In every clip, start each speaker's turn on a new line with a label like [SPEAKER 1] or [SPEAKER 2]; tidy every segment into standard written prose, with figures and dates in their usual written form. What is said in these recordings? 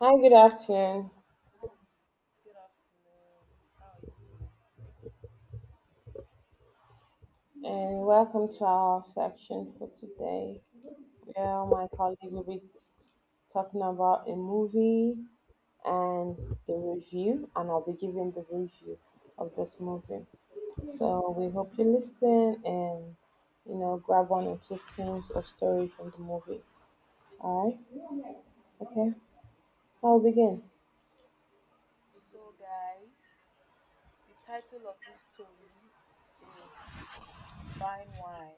[SPEAKER 1] Hi, good afternoon,
[SPEAKER 2] Good afternoon. How are you doing?
[SPEAKER 1] and welcome to our section for today, where
[SPEAKER 2] Thank
[SPEAKER 1] my
[SPEAKER 2] you.
[SPEAKER 1] colleague
[SPEAKER 2] So,
[SPEAKER 1] will be talking about a movie and the review, and I'll be giving the review of this movie. So we hope you listen and grab one or two things or story from the movie. All right, okay, I'll begin.
[SPEAKER 2] so guys, the title of this story is Fine Wine.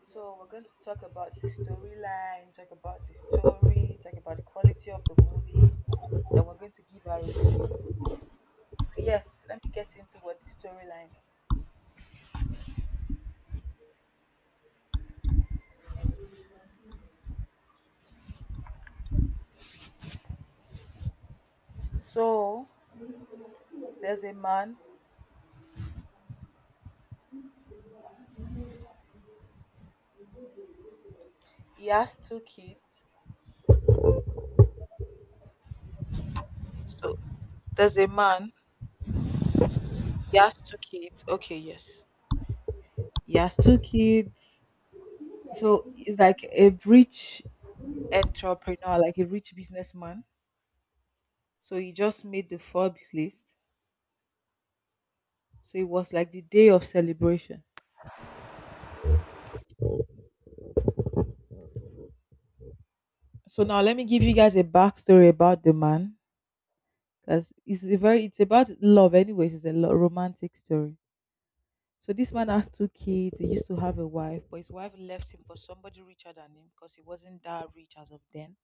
[SPEAKER 2] So, we're going to talk about the storyline, talk about the story, talk about the quality of the movie. Then, we're going to give our review. So, yes, let me get into what the storyline is. So, there's a man, he has two kids. So, there's a man, he has two kids. Okay, yes. He has two kids. So he's like a rich entrepreneur, like a rich businessman. So he just made the Forbes list. So it was like the day of celebration. So now let me give you guys a backstory about the man, because it's a very it's about love. Anyways, it's a romantic story. So this man has two kids. He used to have a wife, but his wife left him for somebody richer than him because he wasn't that rich as of then.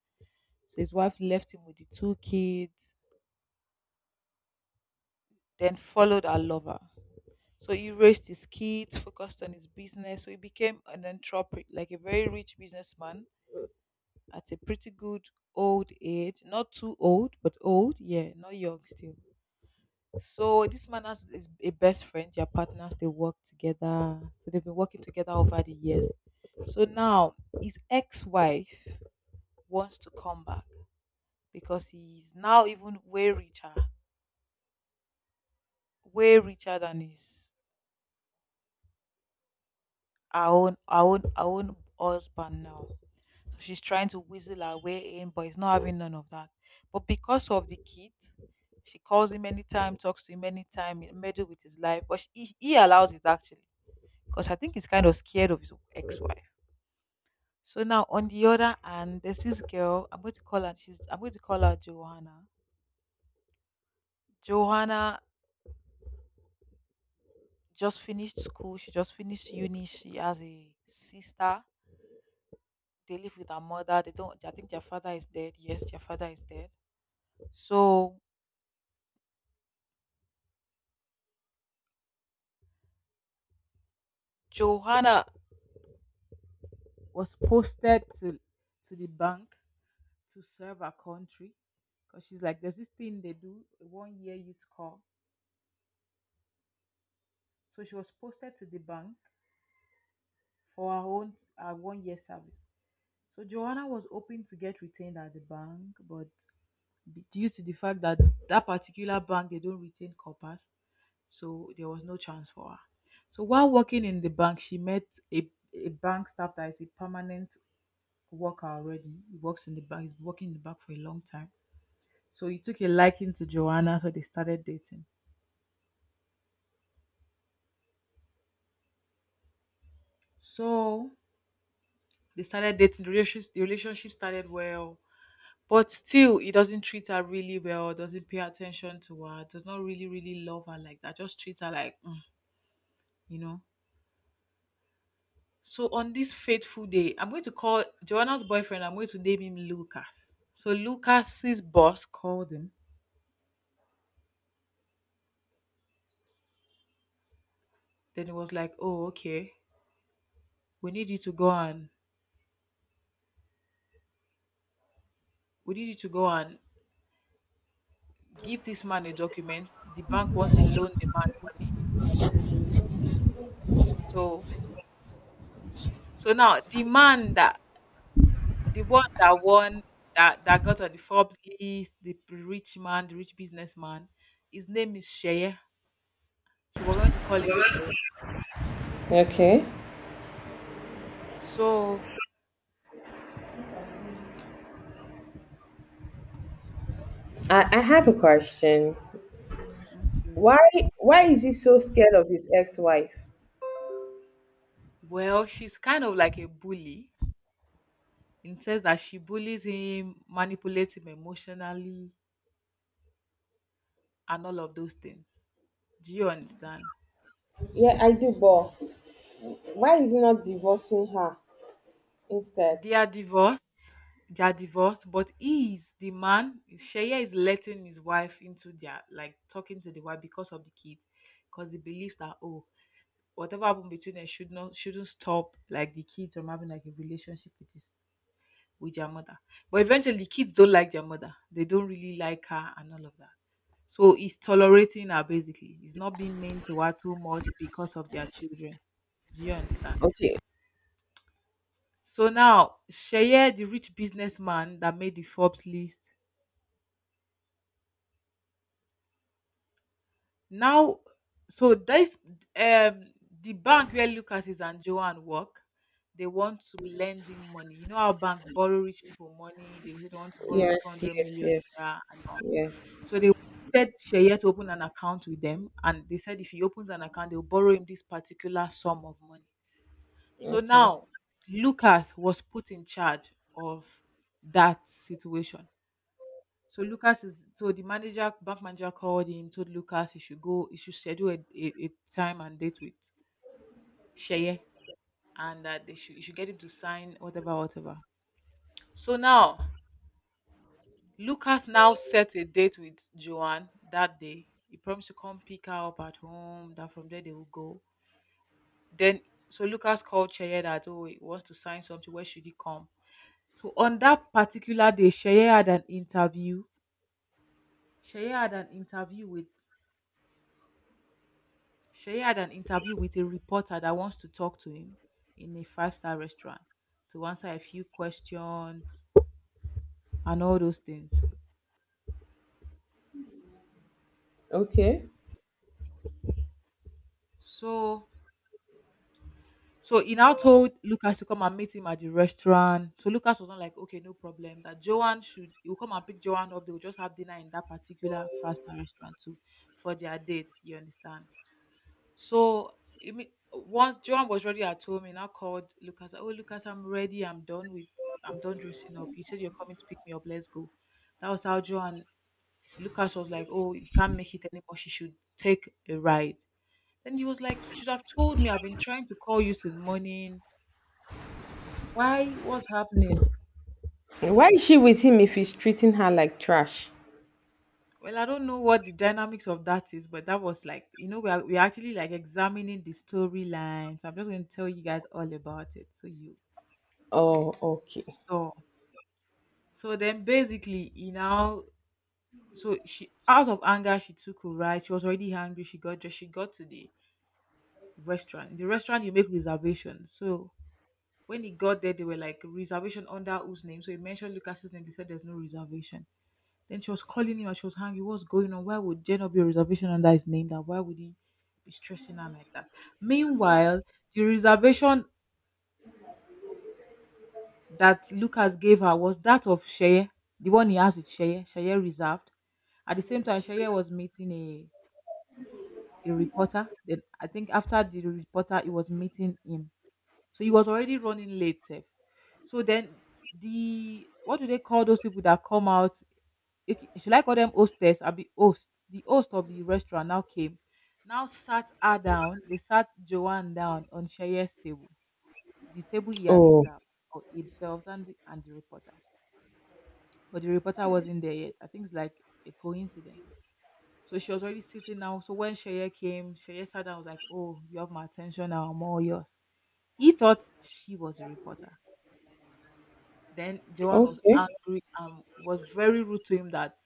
[SPEAKER 2] So his wife left him with the two kids, then followed her lover. So he raised his kids, focused on his business. So he became an entrepreneur, like a very rich businessman at a pretty good old age. Not too old, but old. Yeah, not young still. So this man has is a best friend. Their partners. They work together. So they've been working together over the years. So now his ex-wife wants to come back because he's now even way richer than his our own husband now. So she's trying to weasel her way in, but he's not having none of that. But because of the kid, she calls him anytime, talks to him anytime, meddle with his life. But he allows it actually, because I think he's kind of scared of his ex-wife. So now on the other hand, there's this girl. I'm going to call her. She's. I'm going to call her Johanna. Johanna just finished school. She just finished uni. She has a sister. They live with her mother. They don't. I think their father is dead. Yes, their father is dead. So Johanna was posted to the bank to serve her country because she's like there's this thing they do a 1 year youth corps. So she was posted to the bank for her 1 year service. So Joanna was hoping to get retained at the bank, but due to the fact that that particular bank, they don't retain coppers, so there was no chance for her. So while working in the bank, she met a bank staff that is a permanent worker already. He's working in the bank for a long time. So he took a liking to Joanna, so they started dating. So they started dating. The relationship started well, but still, he doesn't treat her really well. Doesn't pay attention to her. Does not really, really love her like that. Just treats her like, you know. So on this fateful day, I'm going to call Joanna's boyfriend. I'm going to name him Lucas. So Lucas's boss called him. Then he was like, "Oh, okay. We need you to go and we need you to go and give this man a document. The bank wants to loan the man money. So so now the man that the one that won that that got on the Forbes list, the rich man, the rich businessman, his name is Sheye. So we're going to call him Sheye.
[SPEAKER 1] Okay,
[SPEAKER 2] So
[SPEAKER 1] I have a question.
[SPEAKER 2] okay.
[SPEAKER 1] Why why is he so scared of his ex-wife?
[SPEAKER 2] Well, she's kind of like a bully in the sense that she bullies him, manipulates him emotionally, and all of those things. Do you understand?
[SPEAKER 1] Yeah, I do, but why is he not divorcing her instead?
[SPEAKER 2] They are divorced. They are divorced, but he is the man. Sheye is letting his wife into their like talking to the wife because of the kids, because he believes that, oh, whatever happened between them shouldn't stop like the kids from having like a relationship with his with their mother. But eventually, the kids don't like their mother. They don't really like her and all of that. So he's tolerating her basically. He's not being mean to her too much because of their children. Do you understand?
[SPEAKER 1] Okay.
[SPEAKER 2] So now Sheye the rich businessman that made the Forbes list. Now so this um the bank where Lucas is and Joanne work, they want to be lending money. You know how bank borrow rich people money, they say they want to borrow you
[SPEAKER 1] Yes,
[SPEAKER 2] 200
[SPEAKER 1] yes,
[SPEAKER 2] million
[SPEAKER 1] yes,
[SPEAKER 2] naira and all.
[SPEAKER 1] yes.
[SPEAKER 2] So they wanted Sheye to open an account with them and they said if he opens an account, they'll borrow him this particular sum of money. So
[SPEAKER 1] Okay.
[SPEAKER 2] now Lucas was put in charge of that situation. So Lucas is so the manager, bank manager called him, told Lucas he should go, he should schedule a time and date with Sheye, and that they should, you should get him to sign whatever, whatever. So now Lucas now set a date with Joanne that day. He promised to come pick her up at home. That from there they will go. Then so Lucas called Sheye that, oh, he wants to sign something. Where should he come? So on that particular day, Sheye had an interview. Sheye had an interview with a reporter that wants to talk to him in a five-star restaurant to answer a few questions and all those things.
[SPEAKER 1] Okay.
[SPEAKER 2] So so he now told Lucas to come and meet him at the restaurant. So Lucas was not like, okay, no problem. That Joanne should he will come and pick Joanne up. They will just have dinner in that particular five-star restaurant too for their date. You understand? So once John was ready at home, and I called Lucas. Oh, Lucas, I'm ready. I'm done with. I'm done dressing up. You said you're coming to pick me up. Let's go. That was how John. Lucas was like, oh, you can't make it anymore. She should take a ride. Then he was like, you should have told me. I've been trying to call you since morning. Why? What's happening?
[SPEAKER 1] Why is she with him if he's treating her like trash?
[SPEAKER 2] Well, I don't know what the dynamics of that is, but that was like, you know, we are actually like examining the storyline. So I'm just going to tell you guys all about it. So you
[SPEAKER 1] Oh, okay.
[SPEAKER 2] saw. So then basically, you know, so she out of anger she took a ride. She was already hungry. She got to the restaurant. The restaurant you make reservations. So when he got there, they were like reservation under whose name. So he mentioned Lucas's name. They said there's no reservation. Then she was calling him and she was hungry. What's going on? Why would there not be a reservation under his name? That why would he be stressing her like that? Meanwhile, the reservation that Lucas gave her was that of Sheye, the one he has with Sheye, Sheye reserved. At the same time, Sheye was meeting a reporter. Then I think after the reporter, he was meeting him. So he was already running late. Sef. So then the what do they call those people that come out? Should I call them hostess? I'll be host. The host of the restaurant now came. Now sat her down. They sat Joanne down on Sheye's table, the table he had
[SPEAKER 1] Oh,
[SPEAKER 2] reserved for himself and and the reporter. But the reporter wasn't there yet. I think it's like a coincidence. So she was already sitting now. So when Sheye came, Sheye sat down and was like, oh, you have my attention now, I'm all yours. He thought she was a reporter. Then Joanne was
[SPEAKER 1] okay.
[SPEAKER 2] angry and was very rude to him that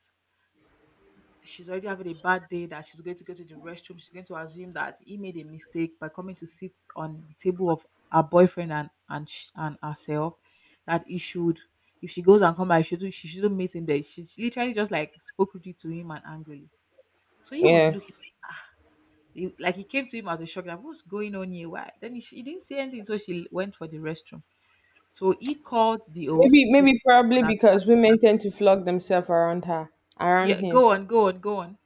[SPEAKER 2] she's already having a bad day that she's going to go to the restroom, she's going to assume that he made a mistake by coming to sit on the table of her boyfriend and and herself. That he should if she goes and come back, she shouldn't meet him there. She literally just like spoke rudely to him and angrily. So he was looking
[SPEAKER 1] Yes.
[SPEAKER 2] like he came to him as a shock. Like what's going on here? Why then he, she didn't say anything. So she went for the restroom. So he called the host to sit
[SPEAKER 1] Probably
[SPEAKER 2] on another
[SPEAKER 1] because
[SPEAKER 2] table.
[SPEAKER 1] women tend to flog themselves around her, around
[SPEAKER 2] Yeah,
[SPEAKER 1] him.
[SPEAKER 2] go on.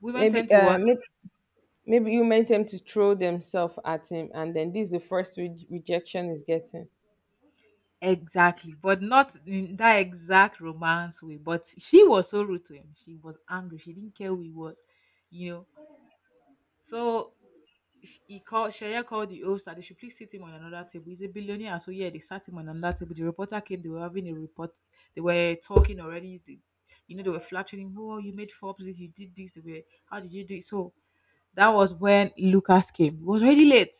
[SPEAKER 2] Women tend
[SPEAKER 1] Maybe,
[SPEAKER 2] to
[SPEAKER 1] uh,
[SPEAKER 2] what?
[SPEAKER 1] maybe, maybe you meant them to throw themselves at him, and then this is the first rejection is getting.
[SPEAKER 2] Exactly, but not in that exact romance way. But she was so rude to him. She was angry. She didn't care who he was, you know. So he called Shaya called the host that they should please sit him on another table. He's a billionaire, so yeah, they sat him on another table. The reporter came. They were having a report. They were talking already. They, you know, they were flattering him. Oh, you made Forbes this. You did this. They were, how did you do it? So that was when Lucas came. It was already late.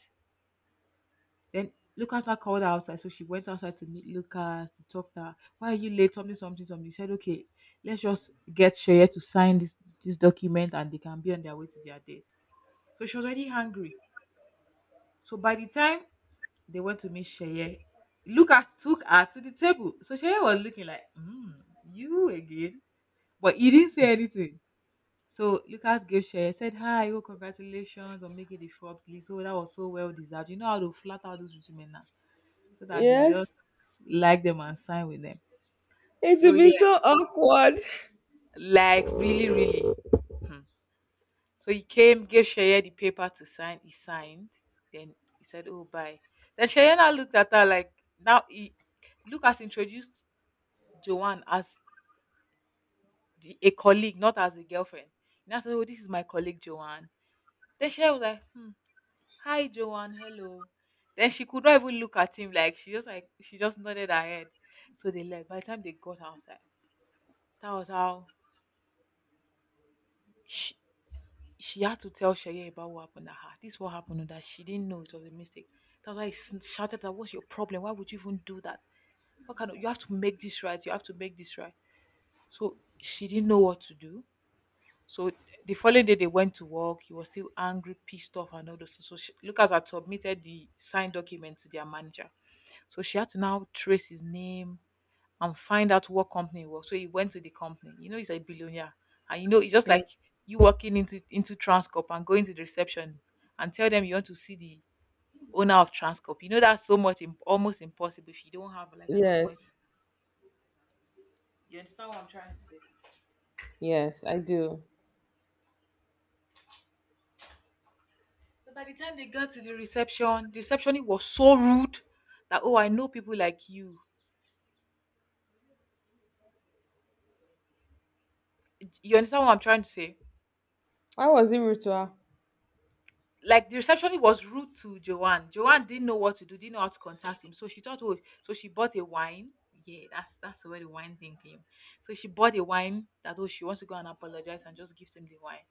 [SPEAKER 2] Then Lucas now called her outside, so she went outside to meet Lucas to talk to her. Why are you late? Something, something, something. He said, okay, let's just get Sheye to sign this document, and they can be on their way to their date. So she was already hungry. So by the time they went to meet Sheye, Lucas took her to the table. So Sheye was looking like, mm, you again, but he didn't say anything. So Lucas gave Sheye said, hi, oh, congratulations on making the Forbes list. Oh, that was so well deserved. You know how to flat out those rich men now, so that they will just
[SPEAKER 1] Yes,
[SPEAKER 2] like them and sign with them.
[SPEAKER 1] it
[SPEAKER 2] So
[SPEAKER 1] will
[SPEAKER 2] yeah,
[SPEAKER 1] be so awkward.
[SPEAKER 2] like really, really. Hmm. So he came, gave Sheye the paper to sign. He signed. Then he said, "Oh, bye." Then Sheye now looked at her like now he Luke has introduced Joanne as the, a colleague, not as a girlfriend. He now said, "Oh, this is my colleague Joanne." Then Sheye was like, "Hmm, hi Joanne, hello." Then she could not even look at him. Like she just nodded her head. So they left. By the time they got outside, that was how she, she had to tell Shaye about what happened to her. This is what happened to that. She didn't know it was a mistake. That's why shouted that what's your problem? Why would you even do that? What kind of you have to make this right? You have to make this right. So she didn't know what to do. So the following day they went to work. He was still angry, pissed off, and all those things. So she, Lucas had submitted the signed document to their manager. So she had to now trace his name and find out what company it was. So he went to the company. You know, he's a billionaire. And you know, it's just
[SPEAKER 1] Yeah.
[SPEAKER 2] like you walking into Transcorp and going to the reception and tell them you want to see the owner of Transcorp. You know, that's so much almost impossible if you don't have like an appointment.
[SPEAKER 1] Yes,
[SPEAKER 2] You understand what I'm trying to say?
[SPEAKER 1] yes, I do.
[SPEAKER 2] So by the time they got to the reception, the receptionist was so rude that oh, I know people like you. You understand what I'm trying to say?
[SPEAKER 1] Why was he rude to her?
[SPEAKER 2] Like the receptionist was rude to Joanne. Joanne didn't know what to do, didn't know how to contact him. So she thought, oh, so she bought a wine. Yeah, that's where the wine thing came. So she bought a wine that oh she wants to go and apologize and just give him the wine.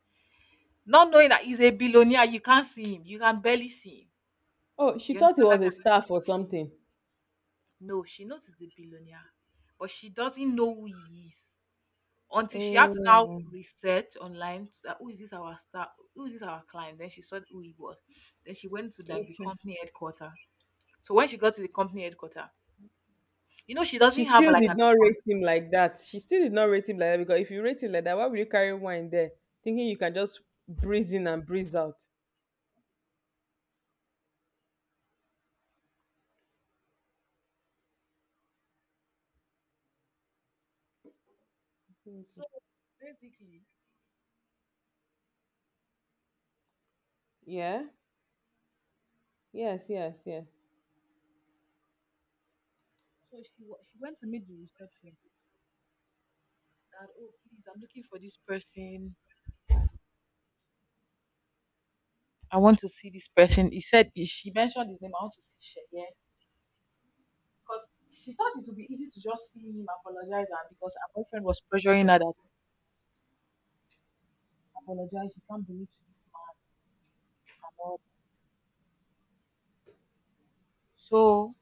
[SPEAKER 2] Not knowing that he's a billionaire, you can't see him. You can barely see him.
[SPEAKER 1] Oh, she
[SPEAKER 2] You
[SPEAKER 1] thought he
[SPEAKER 2] understand that?
[SPEAKER 1] was a staff or something.
[SPEAKER 2] No, she knows he's a billionaire, but she doesn't know who he is until she had to now
[SPEAKER 1] Oh,
[SPEAKER 2] research online to that who is this our star, who is this our client. Then she saw who he was. Then she went to like the
[SPEAKER 1] okay.
[SPEAKER 2] company headquarters. So when she got to the company headquarter, you know, she
[SPEAKER 1] She
[SPEAKER 2] doesn't have
[SPEAKER 1] still
[SPEAKER 2] like
[SPEAKER 1] did
[SPEAKER 2] an,
[SPEAKER 1] not rate him like that. She still did not rate him like that because if you rate him like that, why would you carry wine there, thinking you can just breeze in and breeze out?
[SPEAKER 2] so basically,
[SPEAKER 1] Yeah. Yes. Yes. Yes.
[SPEAKER 2] so she went to meet the reception that oh please I'm looking for this person. I want to see this person. He said she mentioned his name. I want to see Sheye because she thought it would be easy to just see him apologize and because her boyfriend was pressuring her that apologize. She can't believe to this man and all that. So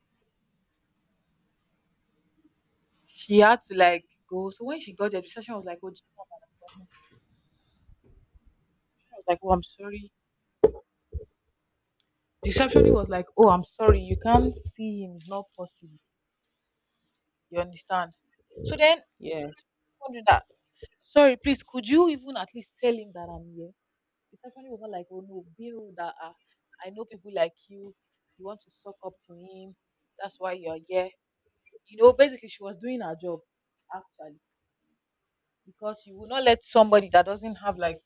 [SPEAKER 2] she had to like go. So when she got there, the reception was like oh do you have an appointment? She was like oh I'm sorry, the receptionist was like, "Oh, I'm sorry, you can't see him. It's not possible. You understand?" So then,
[SPEAKER 1] Yes.
[SPEAKER 2] wondering that, sorry, please, could you even at least tell him that I'm here? Receptionist was not like, "Oh no, be rude. That I know people like you. You want to suck up to him. That's why you're here." You know, basically, she was doing her job actually because you will not let somebody that doesn't have like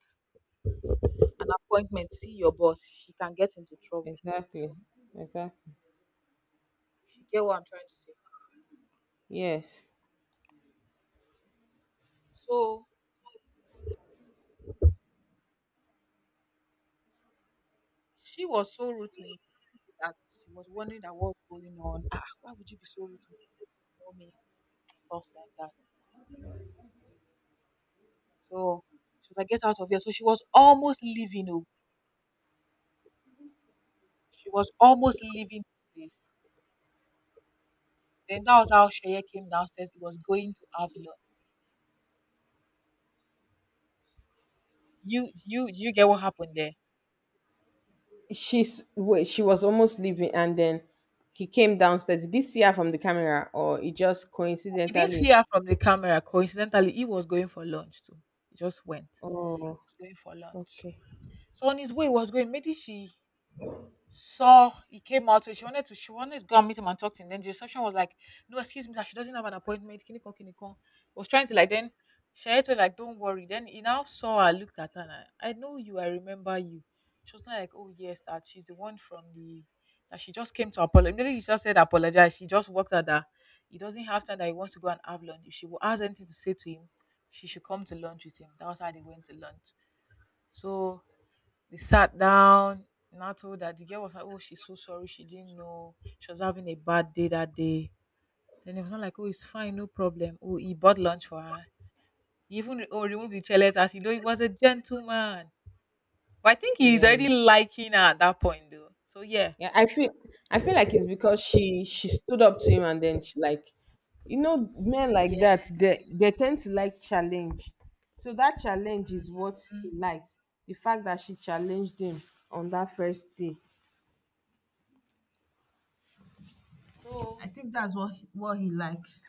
[SPEAKER 2] an appointment see your boss. She can get into trouble.
[SPEAKER 1] Exactly. Exactly.
[SPEAKER 2] If you get what I'm trying to say.
[SPEAKER 1] Yes.
[SPEAKER 2] So she was so rude to him that she was wondering that what's going on. Ah, why would you be so rude to me? You don't know me, stuff like that. So she was like, get out of here. So she was almost leaving. Oh, she was almost leaving the place. Then that was how Sheye came downstairs. He was going to have lunch. You get what happened there?
[SPEAKER 1] She's wait. She was almost leaving, and then he came downstairs. Did he see her from the camera, or it just
[SPEAKER 2] He didn't see
[SPEAKER 1] coincidentally?
[SPEAKER 2] her from the camera. Coincidentally, he was going for lunch too. He just went.
[SPEAKER 1] Oh,
[SPEAKER 2] He was going for lunch.
[SPEAKER 1] okay.
[SPEAKER 2] So on his way, he was going. Maybe she saw he came out. So she wanted to go and meet him and talk to him. Then the reception was like, no, excuse me, that she doesn't have an appointment. Kiniko Kiniko. Was trying to like then Share it like, don't worry. Then he now saw her, looked at her, and I know you, I remember you. She was not like, oh yes, that she's the one from the, that she just came to apologize. Immediately she just said apologize. She just worked out that he doesn't have time that he wants to go and have lunch. If she has anything to say to him, she should come to lunch with him. That was how they went to lunch. So they sat down, and I told her the girl was like, oh, she's so sorry, she didn't know. She was having a bad day that day. Then it was not like, oh, it's fine, no problem. Oh, he bought lunch for her. He even oh, removed the chair as you know he was a gentleman. But I think he's
[SPEAKER 1] Yeah.
[SPEAKER 2] already liking her at that point though. So yeah.
[SPEAKER 1] Yeah, I feel I feel like it's because she stood up to him and then she like, you know, men like
[SPEAKER 2] Yeah.
[SPEAKER 1] that, they tend to like challenge. So that challenge is what he
[SPEAKER 2] Mm.
[SPEAKER 1] likes. The fact that she challenged him on that first day.
[SPEAKER 2] So
[SPEAKER 1] I think that's what he likes.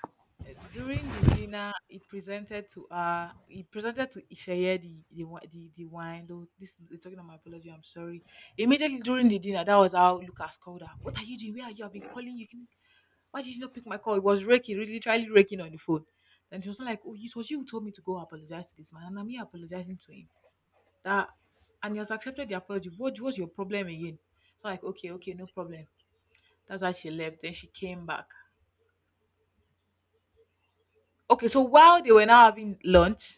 [SPEAKER 2] eh, during the dinner he presented to Isheye the wine though, this is talking about my apology, I'm sorry. Immediately during the dinner that was how Lucas called her, what are you doing, where are you, I've been calling you, why did you not pick my call, it was raking, really literally raking on the phone, and she was like oh it was you who told me to go apologize to this man and I'm here apologizing to him that, and he has accepted the apology, what was your problem again? So like okay okay no problem. That's how she left then she came back. Okay, so while they were now having lunch,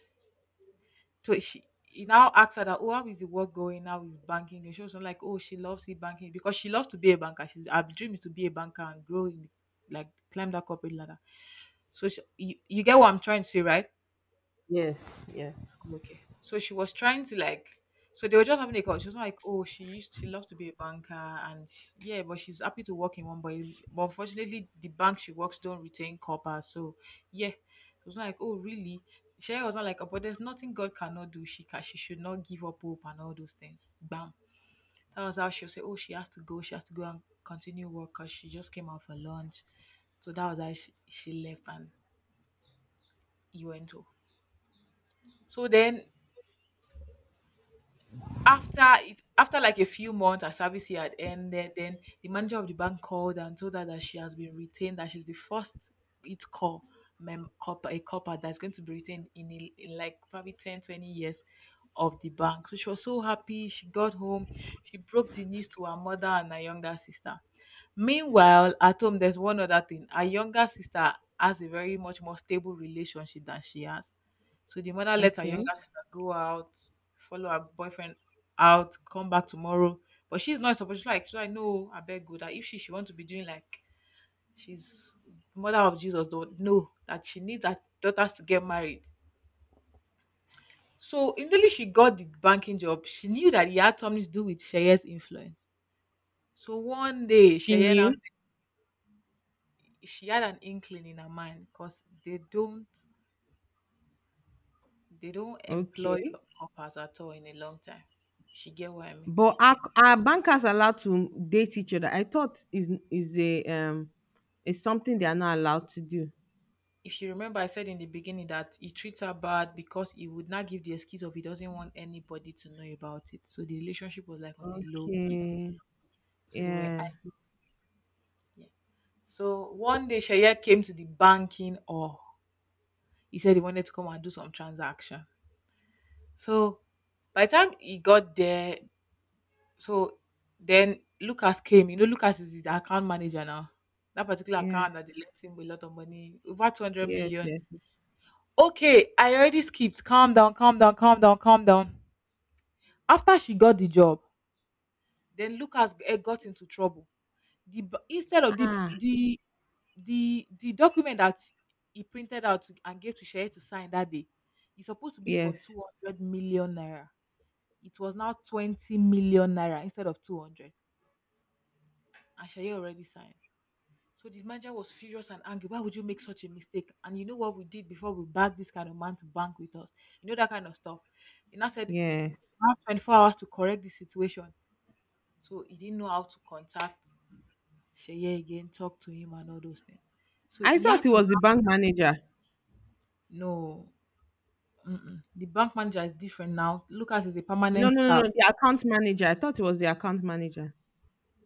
[SPEAKER 2] so she, he now asks her that, oh, how is the work going now with banking? And she was like, oh, she loves it banking because she loves to be a banker. She's her dream is to be a banker and grow in, like climb that corporate ladder. So she, you get what I'm trying to say, right?
[SPEAKER 1] Yes, yes.
[SPEAKER 2] Okay. So she was trying to like, so they were just having a call. She was like, oh, she loves to be a banker, and yeah, but she's happy to work in one. But unfortunately, the bank she works don't retain copper. So yeah, it was like, oh, really? Sherry was not like, oh, but there's nothing God cannot do. She should not give up hope and all those things. Bam. That was how she'll say, oh, she has to go. She has to go and continue work because she just came out for lunch. So that was how she left and he went to. So then after it, after like a few months her service year had ended, then the manager of the bank called and told her that she has been retained, that she's the first it call mem copper, a copper that's going to be retained in, a, in like probably 10 to 20 years of the bank. So she was so happy. She got home. She broke the news to her mother and her younger sister. Meanwhile at home, there's one other thing, her younger sister has a very much more stable relationship than she has. So the mother let her younger
[SPEAKER 1] Okay.
[SPEAKER 2] sister go out, follow her boyfriend out, come back tomorrow. But she's not supposed, no, I beg good that if she want to be doing like, she's mother of Jesus, though no, that she needs her daughters to get married. So immediately she got the banking job, she knew that he had something to do with Sheye's influence. So one day
[SPEAKER 1] She
[SPEAKER 2] Sheye now,
[SPEAKER 1] knew.
[SPEAKER 2] she had an inkling in her mind because they don't, they don't employ
[SPEAKER 1] Okay.
[SPEAKER 2] coppers at all in a long time. She get what I mean.
[SPEAKER 1] But are bankers allowed to date each other? I thought is a is something they are not allowed to do.
[SPEAKER 2] If you remember, I said in the beginning that he treats her bad because he would not give the excuse of he doesn't want anybody to know about it. So the relationship was like on a low key.
[SPEAKER 1] Okay.
[SPEAKER 2] So they were
[SPEAKER 1] Yeah.
[SPEAKER 2] acting. So one day Shaya came to the banking or he said he wanted to come and do some transaction. So by the time he got there, so then Lucas came. You know, Lucas is the account manager now. That particular account
[SPEAKER 1] Yes.
[SPEAKER 2] that they lent him with a lot of money, over 200
[SPEAKER 1] Yes.
[SPEAKER 2] million.
[SPEAKER 1] Yes.
[SPEAKER 2] Okay, I already skipped. Calm down, calm down, calm down, calm down. After she got the job, then got into trouble. Instead of
[SPEAKER 1] Ah.
[SPEAKER 2] the document that he printed out and gave to Sheye to sign that day, it's supposed to be for
[SPEAKER 1] Yes.
[SPEAKER 2] 200 million naira. It was now 20 million naira instead of 200, and Sheye already signed. So the manager was furious and angry. Why would you make such a mistake? And you know what we did before we bagged this kind of man to bank with us? You know that kind of stuff. He now said,
[SPEAKER 1] Yes.
[SPEAKER 2] "I have 24 hours to correct this situation. So he didn't know how to contact Sheye again, talk to him and all those things. So
[SPEAKER 1] I
[SPEAKER 2] he
[SPEAKER 1] thought
[SPEAKER 2] had
[SPEAKER 1] it
[SPEAKER 2] to,
[SPEAKER 1] was the bank manager.
[SPEAKER 2] no. Mm-mm. The bank manager is different now. Lucas is a
[SPEAKER 1] No,
[SPEAKER 2] permanent
[SPEAKER 1] no, no, no.
[SPEAKER 2] staff.
[SPEAKER 1] The account manager. I thought it was the account manager.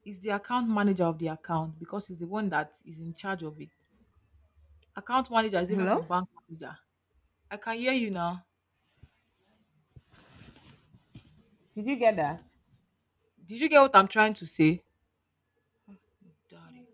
[SPEAKER 2] He's the account manager of the account because he's the one that is in charge of it. Account manager is different
[SPEAKER 1] Hello?
[SPEAKER 2] from bank manager. I can hear you now.
[SPEAKER 1] Did you get that?
[SPEAKER 2] Did you get what I'm trying to say? Daddy.